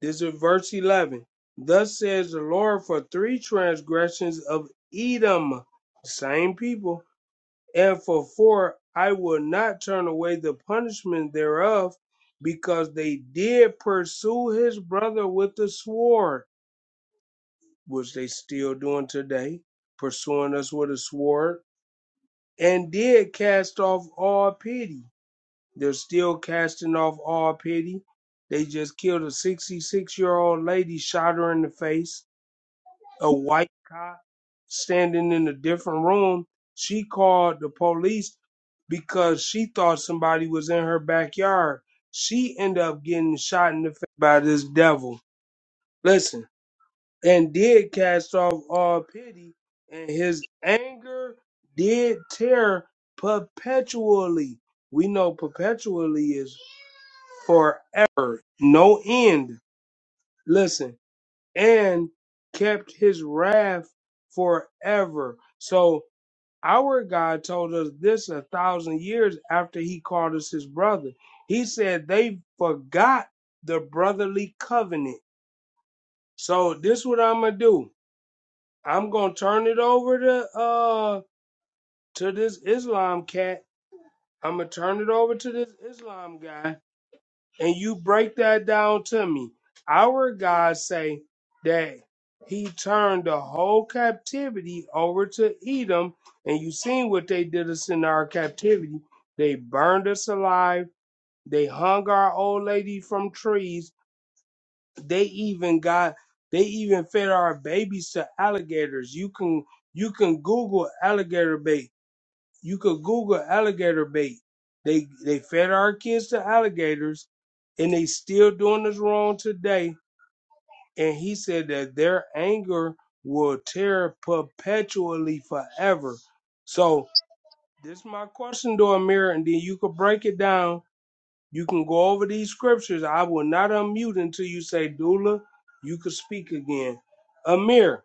Speaker 1: This is verse 11. Thus says the Lord, for three transgressions of Edom, same people, and for four, I will not turn away the punishment thereof, because they did pursue his brother with the sword, which they still doing today, pursuing us with a sword, and did cast off all pity. They're still casting off all pity. They just killed a 66 year old lady, shot her in the face a white cop standing in a different room. She called the police because she thought somebody was in her backyard. She ended up getting shot in the face by this devil. Listen, and did cast off all pity, and his anger did tear perpetually. We know perpetually is forever, no end. Listen. and kept his wrath forever. So our God told us this a thousand years after he called us his brother. He said they forgot the brotherly covenant. So this what I'm gonna do. I'm gonna turn it over to uh to this Islam cat. I'm gonna turn it over to this Islam guy and you break that down to me, our God say that he turned the whole captivity over to Edom, and you seen what they did us in our captivity. They burned us alive, they hung our old lady from trees, they even got they even fed our babies to alligators. You can you can Google alligator bait you could Google alligator bait. They they fed our kids to alligators, and they still doing us wrong today. And he said that their anger will tear perpetually forever. So this is my question, to Amir, and then you could break it down. You can go over these scriptures. I will not unmute until you say, Dula, you could speak again. Amir,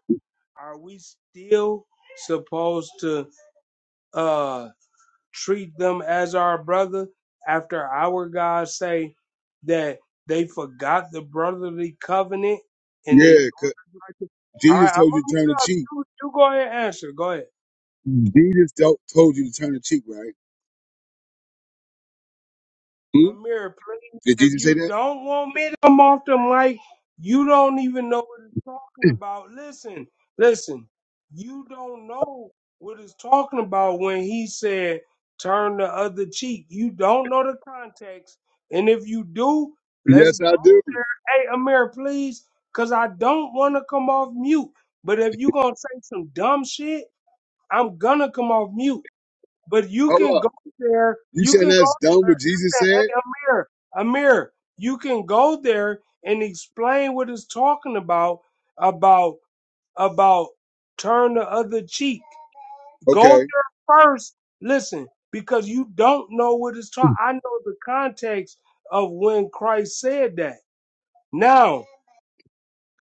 Speaker 1: are we still supposed to? uh, treat them as our brother after our God say that they forgot the brotherly covenant and they doing
Speaker 4: Yeah, 'cause
Speaker 1: it like this? all
Speaker 4: Jesus
Speaker 1: right I'm
Speaker 4: told you
Speaker 1: gonna,
Speaker 4: to turn the
Speaker 1: mute up.
Speaker 4: cheek.
Speaker 1: you, you go ahead and answer go ahead
Speaker 4: Jesus don't told you to turn the cheek, right? Hmm?
Speaker 1: Amir, please,
Speaker 4: Did
Speaker 1: if
Speaker 4: Jesus say
Speaker 1: you
Speaker 4: that?
Speaker 1: don't want me to come off the mic, you don't even know what it's talking about. Listen, listen, you don't know what it's talking about when he said turn the other cheek. You don't know the context. And if you do, let's
Speaker 4: Yes, I
Speaker 1: go
Speaker 4: do.
Speaker 1: there. Hey, Amir, please, because I don't want to come off mute. But if you going to say some dumb shit, I'm going to come off mute. But you
Speaker 4: Hold
Speaker 1: can
Speaker 4: up.
Speaker 1: go there.
Speaker 4: You
Speaker 1: You
Speaker 4: saying
Speaker 1: can go
Speaker 4: that's dumb what
Speaker 1: there.
Speaker 4: Jesus said?
Speaker 1: Hey, Amir, Amir, you can go there and explain what it's talking about, about, about turn the other cheek. Go
Speaker 4: Okay.
Speaker 1: there first. Listen, because you don't know what it's talking. I know the context of when Christ said that. Now,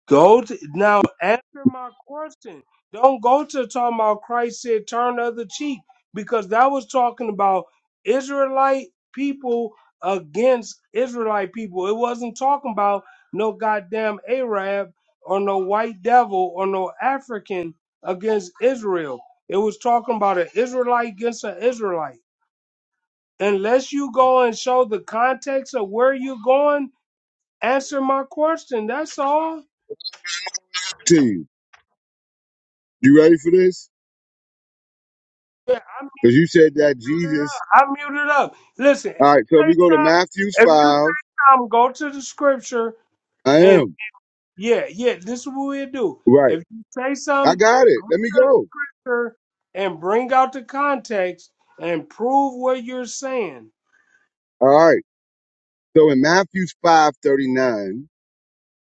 Speaker 1: Go to, now answer my question. Don't go to talking about Christ said turn the other cheek because that was talking about Israelite people against Israelite people. It wasn't talking about no goddamn Arab or no white devil or no African against Israel. It was talking about an Israelite against an Israelite. Unless you go and show the context of where you're going, answer my question. That's all.
Speaker 4: To you. You ready for this?
Speaker 1: Yeah.
Speaker 4: Because you said that Jesus.
Speaker 1: I muted up. Listen,
Speaker 4: All right, so if we go to Matthew's
Speaker 1: if you
Speaker 4: 5,
Speaker 1: come, go to the scripture
Speaker 4: I
Speaker 1: and
Speaker 4: am.
Speaker 1: yeah, yeah, this is what we do.
Speaker 4: Right.
Speaker 1: If you say
Speaker 4: I
Speaker 1: something
Speaker 4: got it. Let me go.
Speaker 1: scripture and bring out the context and prove what you're saying,
Speaker 4: All right. So in Matthew's 5 39,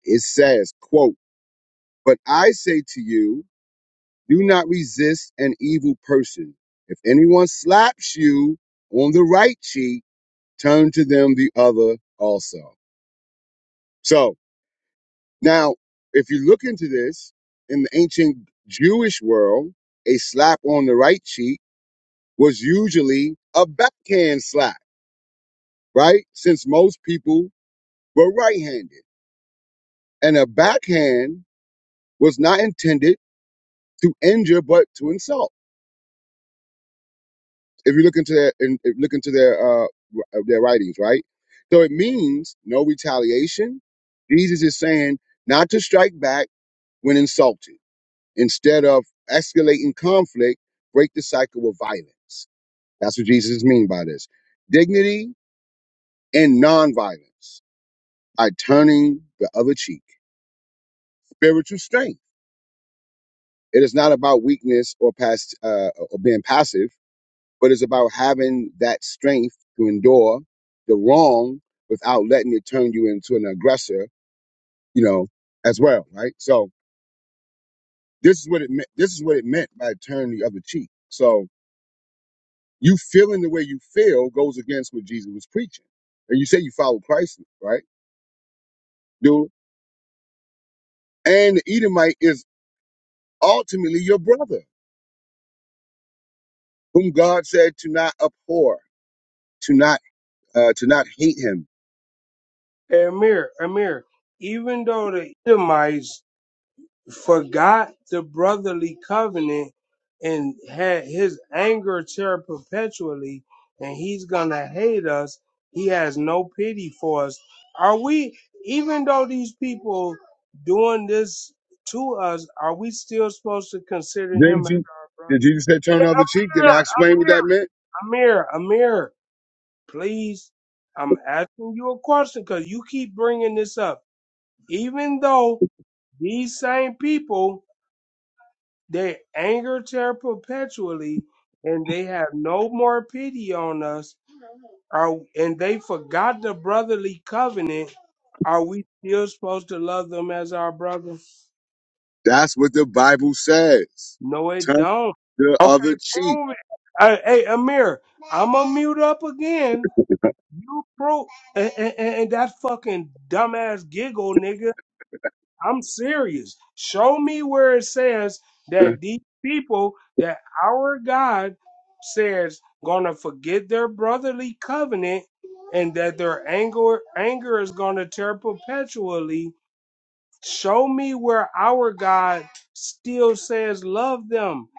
Speaker 4: it says, quote, But I say to you, do not resist an evil person. If anyone slaps you on the right cheek, turn to them the other also. So now, if you look into this in the ancient Jewish world, a slap on the right cheek was usually a backhand slap, right? Since most people were right handed. And a backhand was not intended to injure, but to insult. If you look into their, in, if you look into their, uh, their writings, right? So it means no retaliation. Jesus is saying not to strike back when insulted. Instead of escalating conflict, break the cycle with violence. That's what Jesus means by this. Dignity and nonviolence by turning the other cheek. Spiritual strength. It is not about weakness or past uh, or being passive, but it's about having that strength to endure the wrong without letting it turn you into an aggressor. You know, as well, right? So this is what it meant. This is what it meant by turn the other cheek. So You feeling the way you feel goes against what Jesus was preaching. And you say you follow Christ, right? Dude. And the Edomite is ultimately your brother, whom God said to not abhor, to not uh, to not hate him.
Speaker 1: Amir, Amir, even though the Edomites forgot the brotherly covenant and had his anger tear perpetually, and he's gonna hate us. He has no pity for us. Are we, even though these people doing this to us, are we still supposed to consider
Speaker 4: Then
Speaker 1: him as
Speaker 4: Je-
Speaker 1: our
Speaker 4: then
Speaker 1: brother?
Speaker 4: Jesus said, turn the other cheek. Then I explained what that meant.
Speaker 1: Amir, Amir, Amir, please, I'm asking you a question because you keep bringing this up. Even though these same people They anger her perpetually, and they have no more pity on us. Are and they forgot the brotherly covenant. Are we still supposed to love them as our brother?
Speaker 4: That's what the Bible says.
Speaker 1: No, it
Speaker 4: Turn
Speaker 1: don't.
Speaker 4: the
Speaker 1: Okay,
Speaker 4: other cheek.
Speaker 1: prove it. Uh, hey, Amir, I'm gonna mute up again. You prove, and, and, and that fucking dumbass giggle, nigga. I'm serious. Show me where it says that these people that our God says gonna forget their brotherly covenant and that their anger anger is gonna tear perpetually. Show me where our God still says love them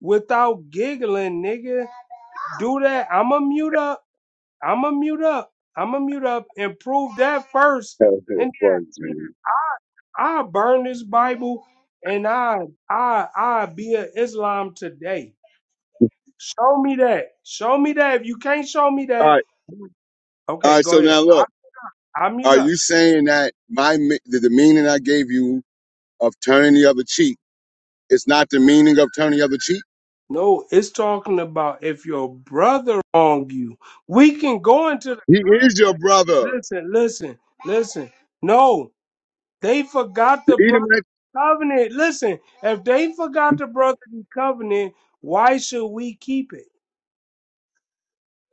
Speaker 1: without giggling, nigga. Do that. I'ma mute up. I'ma mute up. I'ma mute up and prove that first.
Speaker 4: That was
Speaker 1: And
Speaker 4: funny, man.
Speaker 1: I burn this Bible and I I I be an Islam today. Show me that. Show me that. If you can't show me
Speaker 4: All
Speaker 1: that,
Speaker 4: right. All
Speaker 1: okay,
Speaker 4: right.
Speaker 1: go
Speaker 4: So
Speaker 1: ahead.
Speaker 4: now look,
Speaker 1: I, I mute
Speaker 4: are you
Speaker 1: up.
Speaker 4: saying that my me- the, the meaning I gave you of turning the other cheek? It's not the meaning of turn the other cheek.
Speaker 1: No, it's talking about if your brother wrong you. We can go into the
Speaker 4: He is your
Speaker 1: context.
Speaker 4: brother.
Speaker 1: Listen, listen, listen. No, they forgot
Speaker 4: The
Speaker 1: the brother
Speaker 4: Edomites,
Speaker 1: covenant. Listen, if they forgot the brother covenant, why should we keep it?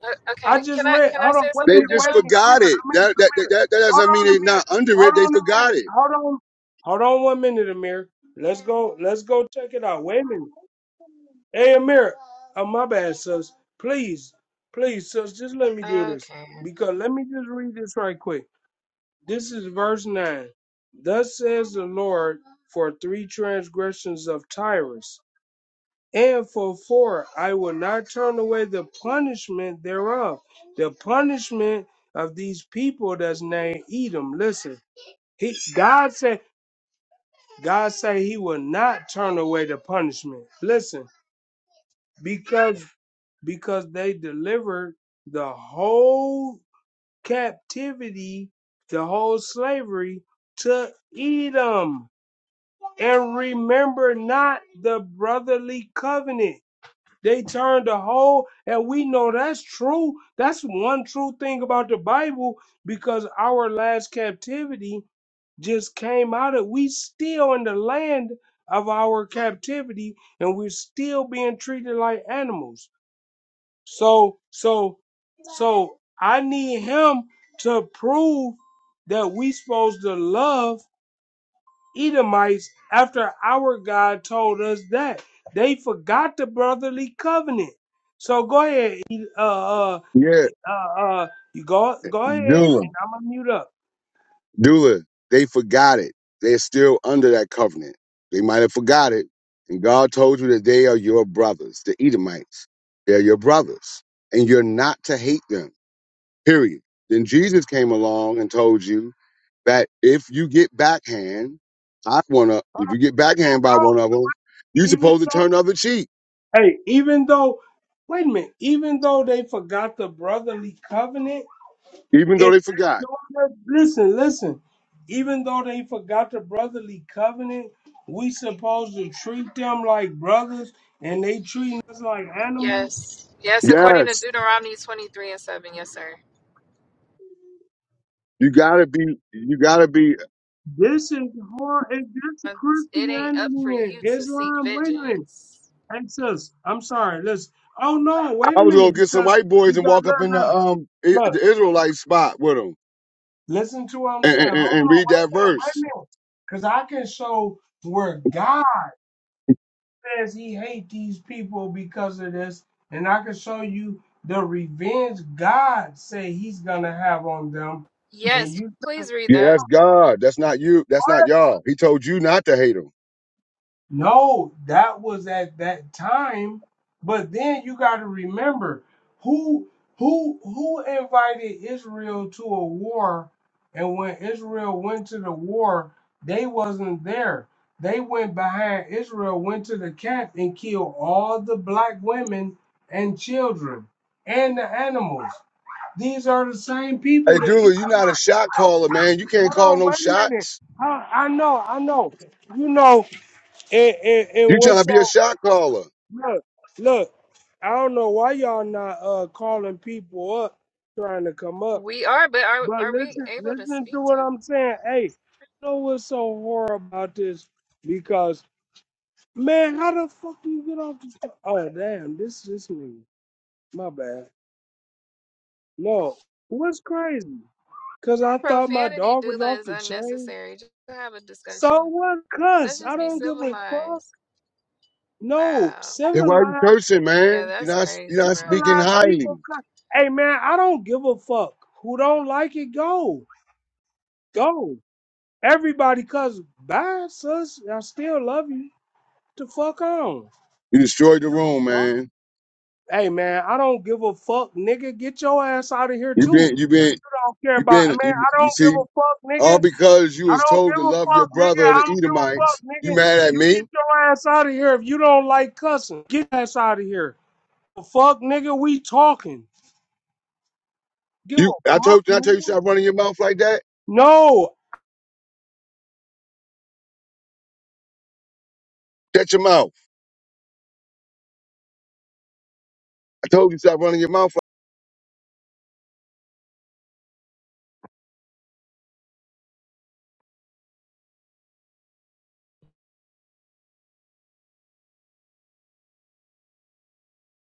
Speaker 3: O- Okay.
Speaker 1: I
Speaker 3: Can
Speaker 1: just
Speaker 3: I
Speaker 1: read.
Speaker 3: can I
Speaker 1: Hold on.
Speaker 3: say
Speaker 1: Wait a
Speaker 4: they
Speaker 3: something,
Speaker 1: minute. Wait
Speaker 4: just
Speaker 3: Dula?
Speaker 1: a
Speaker 4: forgot
Speaker 1: minute.
Speaker 4: it.
Speaker 1: I'm here.
Speaker 4: That that that, that that
Speaker 1: I'm
Speaker 4: doesn't mean
Speaker 1: here. I'm
Speaker 4: they're
Speaker 1: here.
Speaker 4: not under
Speaker 1: Hold
Speaker 4: it. They
Speaker 1: on Amir. Hold on a minute.
Speaker 4: forgot it.
Speaker 1: Hold on. Hold on one minute, Amir. Let's go. Let's go check it out. Wait a minute. Hey, Amir. Oh, my bad, sus. Please, please, sus. Just let me do this
Speaker 3: Okay.
Speaker 1: because let me just read this right quick. This is verse nine. Thus says the Lord, for three transgressions of Tyrus. And for four, I will not turn away the punishment thereof. The punishment of these people that's named Edom. Listen, he God said, God said he will not turn away the punishment. Listen, because because they delivered the whole captivity, the whole slavery to Edom. And remember not the brotherly covenant. They turned the whole, and we know that's true. That's one true thing about the Bible because our last captivity just came out of, we still in the land of our captivity and we're still being treated like animals. So, so, so I need him to prove that we supposed to love Edomites after our God told us that. They forgot the brotherly covenant. So go ahead, E- uh, uh,
Speaker 4: Yeah,
Speaker 1: uh, uh, you go, go ahead,
Speaker 4: Dula,
Speaker 1: and I'm gonna mute up.
Speaker 4: Dula, they forgot it. They're still under that covenant. They might have forgot it. And God told you that they are your brothers, the Edomites. They're your brothers, and you're not to hate them. period. Then Jesus came along and told you that if you get backhand I wanna if you get backhand by one of them, you
Speaker 1: Even
Speaker 4: supposed to
Speaker 1: though,
Speaker 4: turn the other cheek,
Speaker 1: hey, even though, wait a minute, even though they forgot the brotherly covenant,
Speaker 4: even though
Speaker 1: and
Speaker 4: they
Speaker 1: they
Speaker 4: forgot.
Speaker 1: don't- listen, listen, even though they forgot the brotherly covenant, we supposed to treat them like brothers, and they treating us like animals.
Speaker 3: Yes. Yes. According to
Speaker 4: Yes,
Speaker 3: Deuteronomy 23 and 7. Yes, sir.
Speaker 4: you gotta be, you gotta be.
Speaker 1: This is hard. Is this
Speaker 3: But It ain't
Speaker 1: Christianity
Speaker 3: up for
Speaker 1: and
Speaker 3: you to seek
Speaker 1: Islam? Wait a minute.
Speaker 3: vengeance.
Speaker 1: Hey, sis, I'm sorry. Listen. Oh, no. Wait a
Speaker 4: I was gonna
Speaker 1: minute.
Speaker 4: get some
Speaker 1: Because,
Speaker 4: white boys
Speaker 1: because,
Speaker 4: and walk up
Speaker 1: look,
Speaker 4: in the
Speaker 1: look,
Speaker 4: um I- the
Speaker 1: look.
Speaker 4: Israelite spot with them
Speaker 1: Listen to what I'm
Speaker 4: and,
Speaker 1: saying.
Speaker 4: and,
Speaker 1: Hold on.
Speaker 4: and and read
Speaker 1: Wait a
Speaker 4: that
Speaker 1: minute. Wait a
Speaker 4: verse.
Speaker 1: minute. Because I can show where God says he hates these people because of this. And I can show you the revenge God say he's going to have on them. And
Speaker 3: Yes.
Speaker 1: you
Speaker 3: Please read
Speaker 4: Yeah,
Speaker 3: that.
Speaker 4: that's God. That's not you. That's not y'all. He told you not to hate him.
Speaker 1: No, that was at that time. But then you got to remember who who who invited Israel to a war, and when Israel went to the war, they wasn't there. They went behind Israel, went to the camp, and killed all the black women and children and the animals. These are the same people
Speaker 4: Hey,
Speaker 1: that. eat.
Speaker 4: Dula, you not a shot caller, man. You can't
Speaker 1: Hold
Speaker 4: call
Speaker 1: on,
Speaker 4: no
Speaker 1: wait a minute.
Speaker 4: shots.
Speaker 1: I, I know, I know. You know, and, and, and
Speaker 4: You trying
Speaker 1: what's
Speaker 4: to be a
Speaker 1: so
Speaker 4: shot caller.
Speaker 1: Look, look, I don't know why y'all not uh calling people up trying to come up.
Speaker 3: We are, but are
Speaker 1: But
Speaker 3: are we
Speaker 1: listen,
Speaker 3: able to
Speaker 1: listen
Speaker 3: speak
Speaker 1: to what I'm
Speaker 3: to?
Speaker 1: saying. Hey, you know what's so horrible about this? Because man, how the fuck do you get off the sta- Oh damn, this this me. My bad. No. What's crazy? Cause I thought my
Speaker 3: Profanity
Speaker 1: dog was
Speaker 3: doula
Speaker 1: off
Speaker 3: is
Speaker 1: the chain.
Speaker 3: unnecessary. Just have a discussion.
Speaker 1: So what
Speaker 3: Let's
Speaker 1: cuss? I
Speaker 3: just be
Speaker 1: don't give a fuck.
Speaker 3: civilized.
Speaker 1: No,
Speaker 3: Wow.
Speaker 4: Then why you
Speaker 1: civilized.
Speaker 4: cursing,
Speaker 3: Yeah,
Speaker 4: man? You're
Speaker 3: that's
Speaker 4: not you're
Speaker 3: crazy,
Speaker 4: not
Speaker 3: bro.
Speaker 4: speaking
Speaker 1: Civilized
Speaker 4: highly.
Speaker 1: people. co- Hey man, I don't give a fuck. Who don't like it, go, go. Everybody, cause bye, sus. I still love you. To fuck on.
Speaker 4: You destroyed the
Speaker 1: Give a
Speaker 4: room,
Speaker 1: fuck.
Speaker 4: man.
Speaker 1: Hey man, I don't give a fuck, nigga. Get your ass out of here
Speaker 4: You
Speaker 1: too.
Speaker 4: been you
Speaker 1: If you
Speaker 4: been
Speaker 1: don't care
Speaker 4: you
Speaker 1: about,
Speaker 4: been
Speaker 1: man,
Speaker 4: you,
Speaker 1: I
Speaker 4: you
Speaker 1: don't give
Speaker 4: see
Speaker 1: a fuck,
Speaker 4: all
Speaker 1: nigga.
Speaker 4: because you
Speaker 1: I
Speaker 4: was
Speaker 1: don't
Speaker 4: told to
Speaker 1: give a
Speaker 4: love your
Speaker 1: fuck, nigga.
Speaker 4: brother,
Speaker 1: I
Speaker 4: the
Speaker 1: don't give a fuck,
Speaker 4: Edomites. You
Speaker 1: nigga.
Speaker 4: mad at
Speaker 1: You
Speaker 4: me?
Speaker 1: get your ass out of here if you don't like cussing. Get your ass out of here. The fuck, nigga. We talking. Give a
Speaker 4: You I
Speaker 1: fuck,
Speaker 4: told you I tell you
Speaker 1: nigga.
Speaker 4: stop running your mouth like that.
Speaker 1: No,
Speaker 4: Shut your mouth. I told you stop running your mouth